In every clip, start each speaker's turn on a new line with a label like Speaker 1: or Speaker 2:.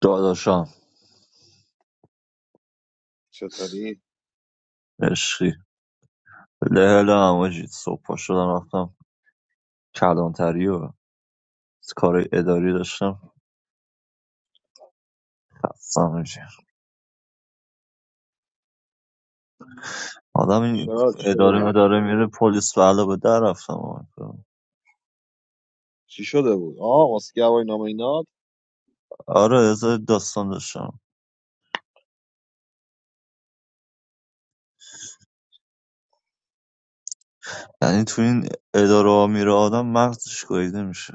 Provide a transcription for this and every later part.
Speaker 1: داداشم
Speaker 2: چطوری؟
Speaker 1: عشقی لهله همه چیز صبح پا شدم رفتم کلانتری و کار اداری داشتم خستم میشه آدم این
Speaker 2: چرا چی شده
Speaker 1: اداره
Speaker 2: بود؟
Speaker 1: مداره میره پلیس به علاوه در رفتم آمد.
Speaker 2: چی شده بود؟ آه واسه هوای نامه اینات؟
Speaker 1: آره از داستان داشتم یعنی تو این اداره ها میره آدم مغزش گاییده میشه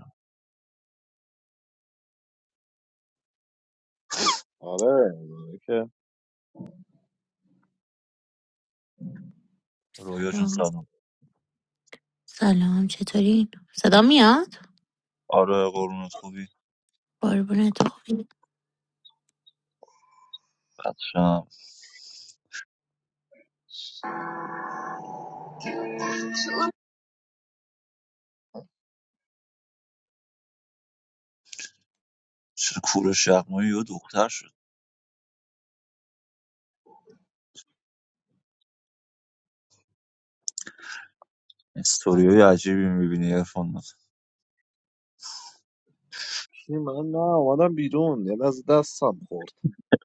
Speaker 2: آره آره که
Speaker 1: رویا جون
Speaker 3: Assalamu alaikum.
Speaker 1: سلام
Speaker 3: Salaam. What do you want? Saddamia?
Speaker 1: آره قرونت خوبی
Speaker 3: Or banana?
Speaker 1: بچم چرا کورش یغمایی یا دختر شد استوریای عجیبی میبینی ارفان
Speaker 2: کی من نه اومدم بیرون یه لحظه دستم خورد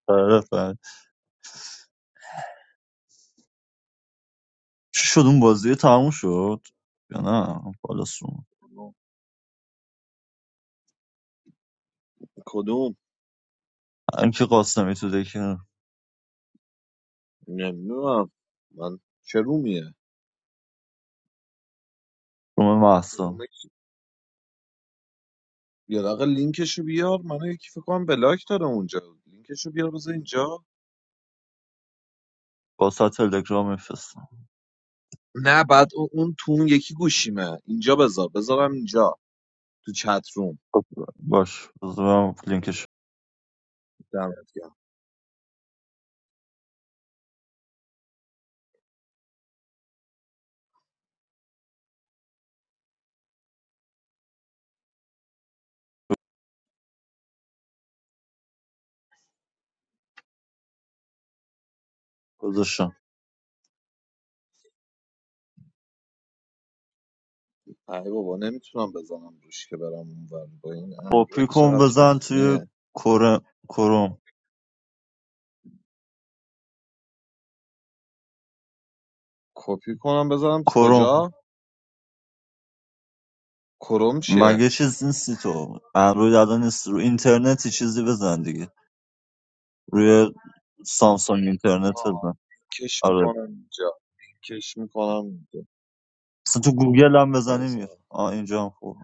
Speaker 1: آره بله. چی شد اون بازی تموم شد یا نه بالا سوم
Speaker 2: کدوم؟
Speaker 1: هر کی قاسمی تو دکه
Speaker 2: نمیدونم من چه رومیه؟
Speaker 1: روم محسا
Speaker 2: رومه کی؟ یه دقیقه لینکشو بیار من یکی فکر کنم بلاک داره اونجا لینکشو بیار بذار اینجا
Speaker 1: واسه تلگرام میفرستم
Speaker 2: نه بعد اون اون تو اون یکی گوشیمه اینجا بذار بذارم اینجا تو چت روم
Speaker 1: خب، باش بذار من لینکش
Speaker 2: دمت گرم.
Speaker 1: گذاشتم
Speaker 2: ای بابا نمیتونم بزنم روش که برم اونور با این
Speaker 1: کپی
Speaker 2: اندروید
Speaker 1: کن
Speaker 2: چقدر
Speaker 1: بزن توی
Speaker 2: تخمیه
Speaker 1: کره کروم
Speaker 2: کپی کنم بذارم تو
Speaker 1: کروم
Speaker 2: کجا کروم چیه
Speaker 1: مگه چیز نیستی تو اندروید الان نیست رو اینترنتی چیزی بزن دیگه روی سامسونگ
Speaker 2: بذار
Speaker 1: اینترنت
Speaker 2: آها،
Speaker 1: بزن
Speaker 2: کش
Speaker 1: آره
Speaker 2: میکنم اینجا کش میکنم
Speaker 1: مثلا تو گوگل هم بزنی
Speaker 2: اینجا
Speaker 1: میره آه اینجا هم خوب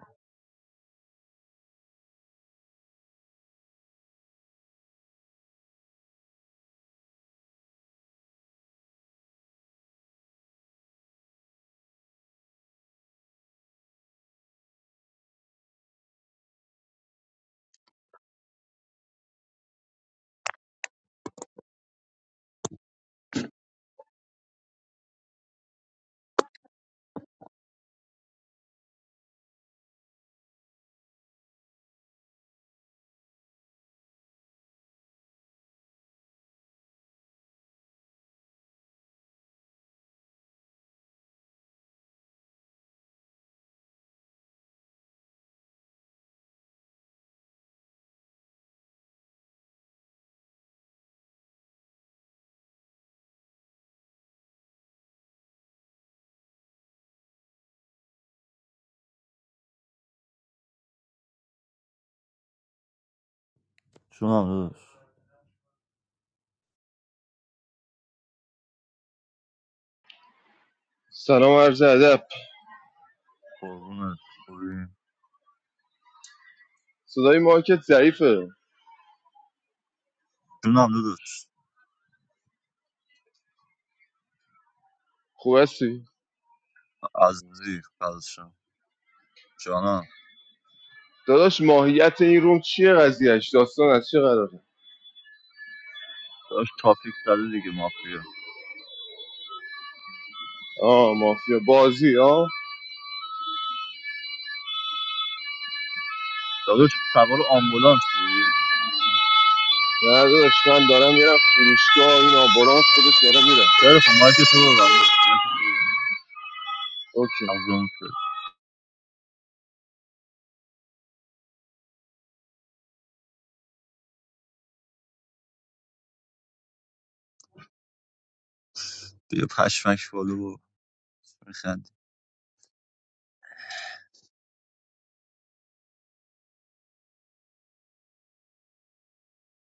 Speaker 1: جونم داداش
Speaker 4: سلام عرض ادب
Speaker 1: قربونت خوبی؟
Speaker 4: صدای مارکت ضعیفه
Speaker 1: جونم داداش
Speaker 4: خوب هستی
Speaker 1: عزیزی فضشم جانم
Speaker 4: داداش ماهیت این روم چیه قضیهش داستان از چه قراره
Speaker 1: داشت تاپیک زده دیگه مافیا
Speaker 4: آه مافیا بازی آه
Speaker 1: داداش سوار آمبولانسی
Speaker 4: نه داداش من دارم میرم فروشگاه این آمبولانس خودش داره میره
Speaker 1: خیلی خب مایک تو ببند داداش مایک تو ببند
Speaker 4: اوکی
Speaker 1: از اون سر بیا پشمک بالا و بخند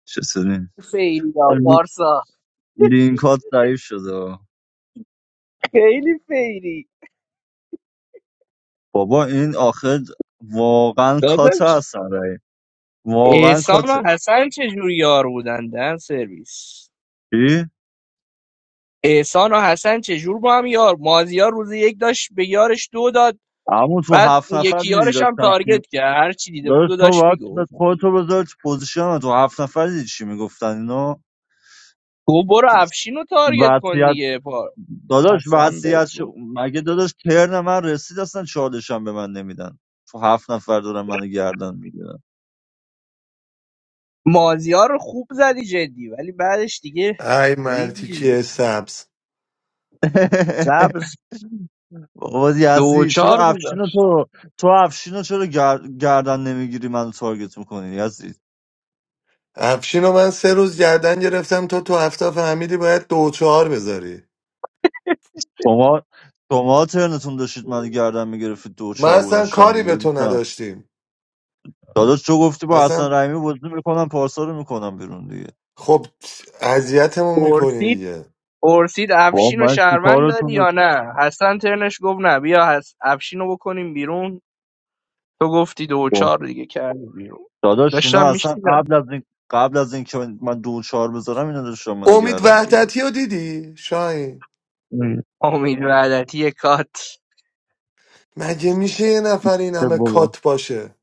Speaker 1: چه سری
Speaker 5: فیری یا
Speaker 1: آه، لی-
Speaker 5: پارسا
Speaker 1: لینکات ضعیف شده
Speaker 5: خیلی فیری
Speaker 1: بابا این آخر واقعا کاته
Speaker 5: داداش
Speaker 1: هستن رای واقعا
Speaker 5: احسان و
Speaker 1: کاته
Speaker 5: حسن چجور یار بودن دهن سرویس
Speaker 1: چی؟
Speaker 5: احسان و حسن چجور با هم یار مازیار روز یک داشت به یارش دو داد
Speaker 1: همون تو
Speaker 5: بعد
Speaker 1: هفت
Speaker 5: اون
Speaker 1: نفر
Speaker 5: یکی
Speaker 1: دیدی
Speaker 5: یارش هم
Speaker 1: داشتن چی
Speaker 5: تارگت کرد هر چی دیده بود
Speaker 1: داداش
Speaker 5: و
Speaker 1: تو
Speaker 5: داشت
Speaker 1: باید
Speaker 5: میگفت
Speaker 1: خودتو بذاری تو پوزیشن تو هفت نفر دیدی چی میگفتن اینا
Speaker 5: گفت برو افشین رو تارگت کن دیگه پار
Speaker 1: داداش
Speaker 5: حسن بهت
Speaker 1: وصیت شو...
Speaker 5: گفت
Speaker 1: مگه داداش ترن من رسید اصلا چالشم به من نمیدن تو هفت نفر دارن منو گردن میگیرن
Speaker 5: مازیار رو خوب زدی جدی ولی بعدش دیگه
Speaker 6: ای
Speaker 5: ریدی دیگه
Speaker 6: مرتیکی سبز
Speaker 5: سبز
Speaker 1: بابا
Speaker 5: دو و
Speaker 1: یزی چرا
Speaker 5: چهار
Speaker 1: افشینو تو تو افشینو چرا گر... گردن نمیگیری منو تارگت میکنی یزی
Speaker 6: افشین و من سه روز گردن گرفتم تو تو هفته فهمیدی باید دو و چهار بذاری
Speaker 1: شما شما ترنتون داشتید منو گردن میگرفتید دو و
Speaker 6: ما
Speaker 1: چهار
Speaker 6: اصلا
Speaker 1: گذاشتم
Speaker 6: کاری به
Speaker 1: دیگه
Speaker 6: تو
Speaker 1: گذاشتم
Speaker 6: نداشتیم
Speaker 1: داداش تو گفتی با حسن
Speaker 6: اصلا
Speaker 1: رحیمی بازی میکنم پارسا رو میکنم بیرون دیگه
Speaker 6: خب اذیتمون
Speaker 5: میداد
Speaker 6: میکنی دیگه
Speaker 5: پرسید
Speaker 1: با
Speaker 5: افشین و
Speaker 1: من چی
Speaker 5: شهروند
Speaker 1: کارتون
Speaker 5: داری یا
Speaker 1: داشت
Speaker 5: نه حسن ترنش گفت نه بیا حس... افشین رو بکنیم بیرون تو گفتی دو و چهار دیگه کردی بیرون
Speaker 1: داداش اینا
Speaker 5: داشتم
Speaker 1: اصلا
Speaker 5: میشتیدم
Speaker 1: قبل از این قبل از اینکه من من دو و چهار بذارم اینا داشت شما
Speaker 6: امید
Speaker 1: گردم میگرفت
Speaker 6: وحدتی رو دیدی شاین
Speaker 5: امید وعدتی کات
Speaker 6: مگه میشه یه نفر این همه
Speaker 1: بابا
Speaker 6: کات باشه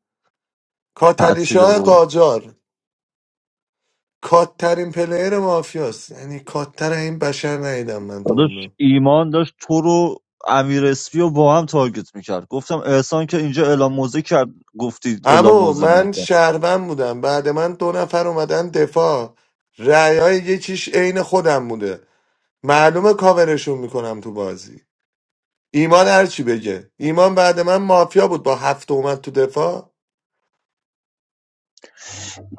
Speaker 1: تعطیله
Speaker 6: کاتلیشاه
Speaker 1: بابا
Speaker 6: قاجار کاتترین پلیر مافیاست یعنی کاتتر این بشر ندیدم من تو
Speaker 1: داداش
Speaker 6: عمرم.
Speaker 1: ایمان داشت تو رو امیر اسپی رو با هم تارگت میکرد گفتم احسان که اینجا اعلام موزه کرد گفتی اعلام
Speaker 6: اما
Speaker 1: موزه
Speaker 6: من
Speaker 1: نکرد
Speaker 6: شهروند بودم بعد من دو نفر اومدن دفاع رأیای یکیش عین خودم بوده معلومه کاورشون میکنم تو بازی ایمان هرچی بگه ایمان بعد من مافیا بود با هفت اومد تو دفاع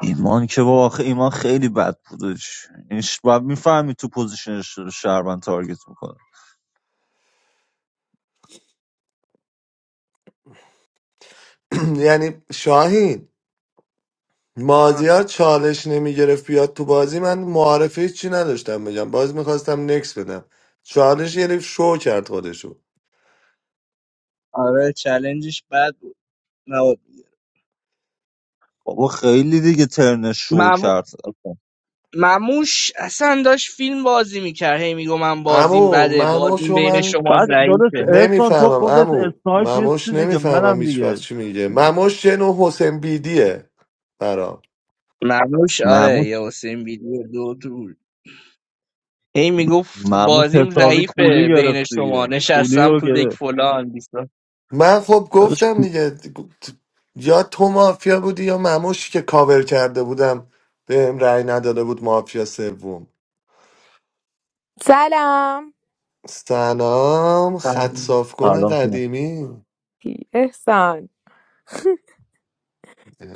Speaker 1: ایمان که بابا آخه ایمان خیلی بد بودش اینش باید میفهمی تو پوزیشنش شهرمن تارگت میکنه
Speaker 6: یعنی شاهین
Speaker 5: آه.
Speaker 6: مازیار چالش نمیگرفت بیاد تو بازی من معارفه هیچی نداشتم بگم باز میخواستم نکس بدم چالش گرفت شو کرد خودشو
Speaker 5: آره چلنجش بد بود نبود
Speaker 1: بابا خیلی دیگه ترنش شو
Speaker 5: مم...
Speaker 1: کرد
Speaker 5: مموش اصلا داشت فیلم بازی میکرد هی میگو من بازیم
Speaker 6: اما
Speaker 5: بده بازیم
Speaker 6: مموشو
Speaker 5: بین
Speaker 6: من
Speaker 5: شما
Speaker 1: بعد داداش
Speaker 5: ضعیفه
Speaker 1: احسان تو
Speaker 6: نمیفهمم
Speaker 1: خودت
Speaker 6: امو
Speaker 1: اسنایپ نیستی
Speaker 6: مموش
Speaker 1: دیگه
Speaker 6: نمیفهمم
Speaker 1: منم
Speaker 6: هیچ وقت
Speaker 1: دیگه
Speaker 6: چی میگه مموش یه نوع حسین بیدیه برام
Speaker 5: مموش آره
Speaker 1: مرموش
Speaker 5: یا حسین ویدیو دو طول. هی میگفت
Speaker 1: مرموش
Speaker 5: بازیم
Speaker 1: حسابی کولی
Speaker 5: ضعیفه
Speaker 1: گرفت
Speaker 5: بین
Speaker 1: دیگه
Speaker 5: شما
Speaker 1: کولی
Speaker 5: نشستم
Speaker 1: رو
Speaker 5: تو دک
Speaker 1: گرفت
Speaker 5: فلان بیسا.
Speaker 6: من خب
Speaker 1: داداش
Speaker 6: گفتم
Speaker 1: کو...
Speaker 6: دیگه یا تو مافیا بودی یا مموش که کاور کرده بودم بهم رأی نداده بود مافیا سوم
Speaker 7: سلام
Speaker 6: سلام
Speaker 5: Tama.
Speaker 6: خط صاف کن
Speaker 1: سلام سینا.
Speaker 6: قدیمی
Speaker 7: احسان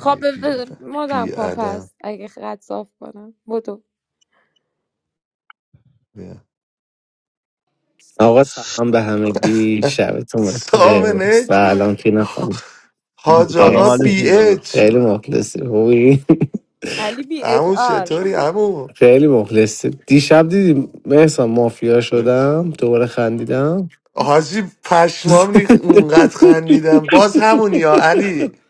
Speaker 7: خب ب-
Speaker 6: بی
Speaker 7: ب- مدم
Speaker 6: بی
Speaker 7: کن
Speaker 6: ادب
Speaker 7: پس اگه خط صاف کنم بدو
Speaker 6: بیا.
Speaker 8: آقا سلام به همگی شبتون بخیر
Speaker 6: سامنک
Speaker 8: سلام فینا خانم
Speaker 6: حاج
Speaker 1: سلام
Speaker 6: آقا
Speaker 1: علی
Speaker 8: مرسی.
Speaker 6: بی
Speaker 1: جون
Speaker 6: اچ
Speaker 1: داداش
Speaker 8: خیلی مخلصی خوبی
Speaker 7: علی بی اچ
Speaker 6: امو
Speaker 7: آر
Speaker 6: چطوری امو
Speaker 8: خیلی مخلصی دیشب دیدی مثلا مافیا شدم دوباره خندیدم
Speaker 6: حاجی پشمام ریخت اونقدر خندیدم باز همونی ها علی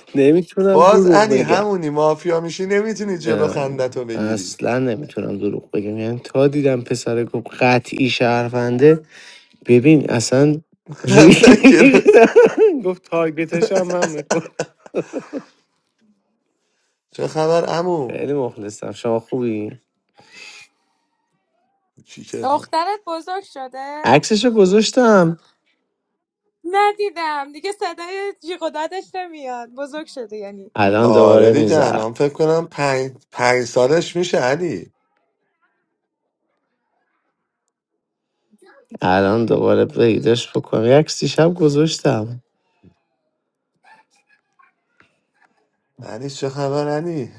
Speaker 8: نمیتونم
Speaker 6: باز
Speaker 8: دروغ
Speaker 6: علی
Speaker 8: بگم
Speaker 6: همونی مافیا میشی نمیتونی جلو
Speaker 8: نه
Speaker 6: خندتو بگیری
Speaker 8: اصلا نمیتونم دروغ بگم یعنی تا دیدم پسر گفت قطعی شهرونده ببین اصلا
Speaker 6: خنده گره.
Speaker 8: ریختم. گفت تارگتش هم من میخورم
Speaker 6: چه خبر امو
Speaker 8: خیلی مخلصم شما خوبی
Speaker 6: چی کردم
Speaker 7: دخترت بزرگ شده؟
Speaker 8: عکسشو گذاشتم
Speaker 7: ندیدم دیگه صدای جیغ و دادش نمیاد بزرگ شده یعنی
Speaker 8: الان
Speaker 6: آره
Speaker 8: دوباره
Speaker 6: دیگه
Speaker 8: میذارم
Speaker 6: الان فکر کنم پنج, پنج سالش میشه علی
Speaker 8: الان دوباره بگیرش بکنم یک سی شب گذاشتم
Speaker 6: علی چه خبر علی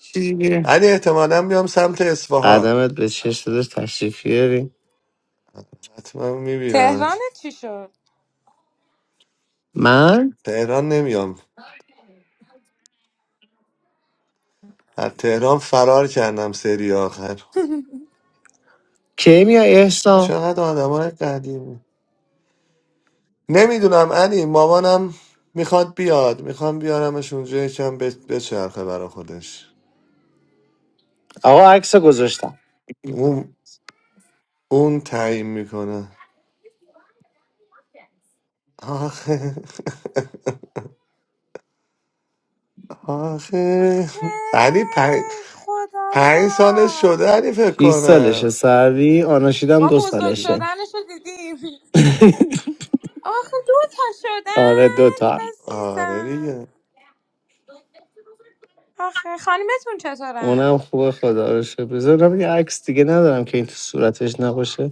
Speaker 8: چی دیگه
Speaker 6: علی احتمالا بیام سمت اصفهان
Speaker 8: قدمت به چشم داشت تشریف بیاری
Speaker 6: حتما
Speaker 7: تهران
Speaker 6: میبینمت
Speaker 7: چی شد؟
Speaker 8: من
Speaker 6: تهران نمیام از تهران فرار کردم سری آخر
Speaker 8: کی میای احسان
Speaker 6: چقدر آدم های نمیدونم علی مامانم میخواد بیاد میخوام بیارمش اونجا یکم ب- بچرخه برا خودش
Speaker 8: آقا عکس گذاشتم
Speaker 6: اون اون تعیین میکنه آخه آخه علی پنج
Speaker 7: خیلی خدا
Speaker 6: پنج سالش شده علی فکر
Speaker 8: 6 سالشه
Speaker 6: کنم
Speaker 8: سروی آناشیدم
Speaker 7: ما
Speaker 8: دو
Speaker 7: بزرگ
Speaker 6: چی؟
Speaker 8: سالشه
Speaker 7: شدنش رو دیدیم آخه دوتا
Speaker 8: آره دوتا
Speaker 7: شدن
Speaker 6: آره
Speaker 7: عزیزم
Speaker 6: دیگه
Speaker 7: آخه خانمتون چطورن
Speaker 8: اونم خوبه خدا رو شکر بذارم یه عکس دیگه ندارم که این تو صورتش نباشه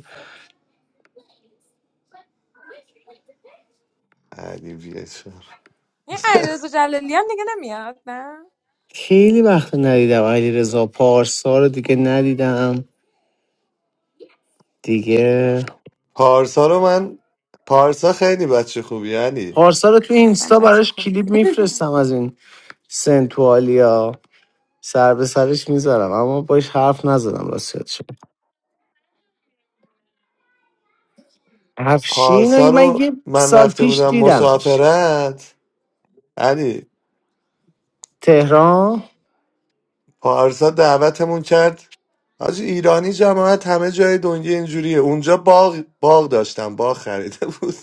Speaker 6: علی بیچاره
Speaker 7: این علیرضا جلالی هم دیگه نمیاد نه
Speaker 8: خیلی وقت ندیدم علی رضا پارسا رو دیگه ندیدم دیگه
Speaker 6: پارسا رو من پارسا خیلی بچه خوبی علی
Speaker 8: پارسا رو تو
Speaker 7: اصلا
Speaker 8: اینستا
Speaker 7: بچه
Speaker 8: براش
Speaker 7: خوبی
Speaker 8: کلیپ میفرستم از این سنتوالیا سر به سرش میذارم اما باش حرف نزدم راستیت شد افشین
Speaker 6: پارسا
Speaker 8: من
Speaker 6: رو
Speaker 8: یه
Speaker 6: من
Speaker 8: سال
Speaker 6: رفته
Speaker 8: پیش
Speaker 6: بودم
Speaker 8: دیدمش
Speaker 6: مسافرت علی
Speaker 8: تهران
Speaker 6: پارسا دعوتمون کرد حاجی ایرانی جماعت همه جای دنیا اینجوریه اونجا باغ باغ داشتم باغ خریده بود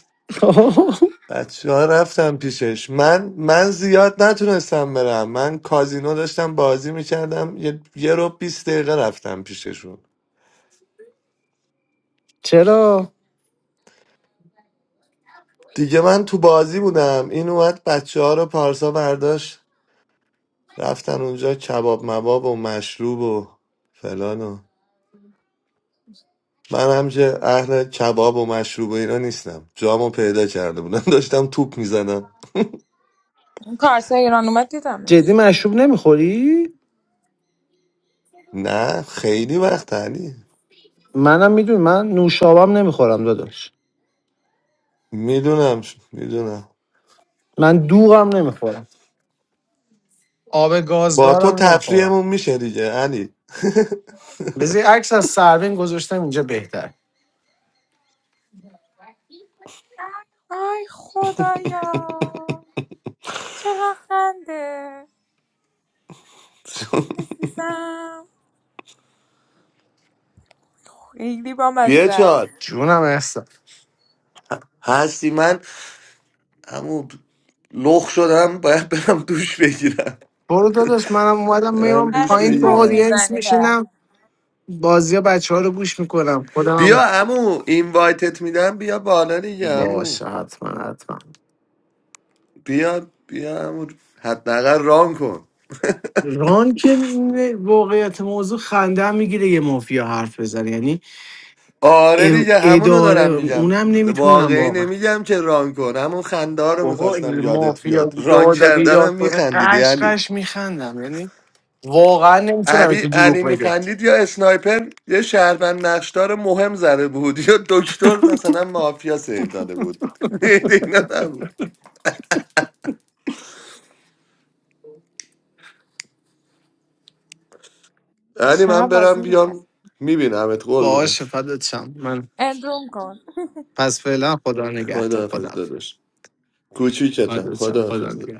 Speaker 6: بچه ها رفتم پیشش من من زیاد نتونستم برم من کازینو داشتم بازی میکردم یه, یه رو بیست دقیقه رفتم پیششون
Speaker 8: چرا
Speaker 6: دیگه من تو بازی بودم این اومد بچه ها رو پارسا برداشت رفتن اونجا کباب مباب و مشروب و فلان من هم که اهل کباب و مشروب و اینا نیستم جامو پیدا کرده بودم داشتم توپ میزدم
Speaker 7: اون کارسه ایران اومد
Speaker 8: جدی
Speaker 7: دیدمش
Speaker 8: مشروب نمیخوری
Speaker 6: نه خیلی وقت علی
Speaker 8: منم میدونی من نوشابم نمیخورم داداش
Speaker 6: میدونم میدونم
Speaker 8: من دوغم نمیخورم آب
Speaker 6: با تو
Speaker 8: گازدارم نمیخورم
Speaker 6: تفریحمون میشه دیگه علی
Speaker 8: بذاری عکس از سروین گذاشتم اینجا بهتر
Speaker 7: آی خدایا چقدر خنده عزیزم خیلی با
Speaker 6: بیا
Speaker 7: مزه است
Speaker 6: چال
Speaker 8: جونم احسان
Speaker 6: هستی من همون لخ شدم باید برم دوش بگیرم
Speaker 8: برو داداش منم اومدم
Speaker 6: برم
Speaker 8: میرم
Speaker 6: دوش
Speaker 7: هرچی
Speaker 8: پایین تو
Speaker 7: روم
Speaker 6: بگیرم
Speaker 8: آدینس
Speaker 7: میزنی
Speaker 8: میشینم
Speaker 7: پر
Speaker 8: بازی ها بچه ها رو گوش میکنم خودم
Speaker 6: بیا امو اینوایتت میدم بیا بالا دیگه امو
Speaker 8: باشه حتما حتما
Speaker 6: بیا بیا امو حداقل ران کن
Speaker 8: ران که نه- واقعیت موضوع خنده هم میگیره یه مافیا حرف بزنه یعنی
Speaker 6: آره
Speaker 8: ا-
Speaker 6: دیگه همونو
Speaker 8: اداره
Speaker 6: دارم میگم
Speaker 8: اونم نمیتونم
Speaker 6: واقعی
Speaker 8: واقعا
Speaker 6: نمیگم که ران کن همون خنده ها رو
Speaker 8: بابا
Speaker 6: میخواستم
Speaker 8: این
Speaker 6: یادت
Speaker 8: مافیا
Speaker 6: بیاد ران
Speaker 8: دادا
Speaker 6: کردنم
Speaker 8: بیداد کنه
Speaker 6: میخندیدی
Speaker 8: قش
Speaker 6: علی
Speaker 8: قش میخندم یعنی واقعا نمیتونم
Speaker 6: علی
Speaker 8: یکی
Speaker 6: علی
Speaker 8: دروغ بگه
Speaker 6: میخندید یا اسنایپر یه شهروند نقشدار مهم زده بود یا دکتر مثلا مافیا سیو داده بود اینا نبود علی
Speaker 7: چقدر
Speaker 6: من
Speaker 7: بازی
Speaker 6: برم
Speaker 7: میکرد
Speaker 6: بیام میبینمت
Speaker 8: باشه
Speaker 6: قربونت
Speaker 8: فدات شم من
Speaker 7: اندروم کن
Speaker 8: پس فعلا خدا نگهدار خدا
Speaker 6: خداحافظ
Speaker 8: حافظ.
Speaker 6: داداش کوچیکتم
Speaker 8: فدات خدا
Speaker 6: خداحافظ داداش
Speaker 8: نگهدار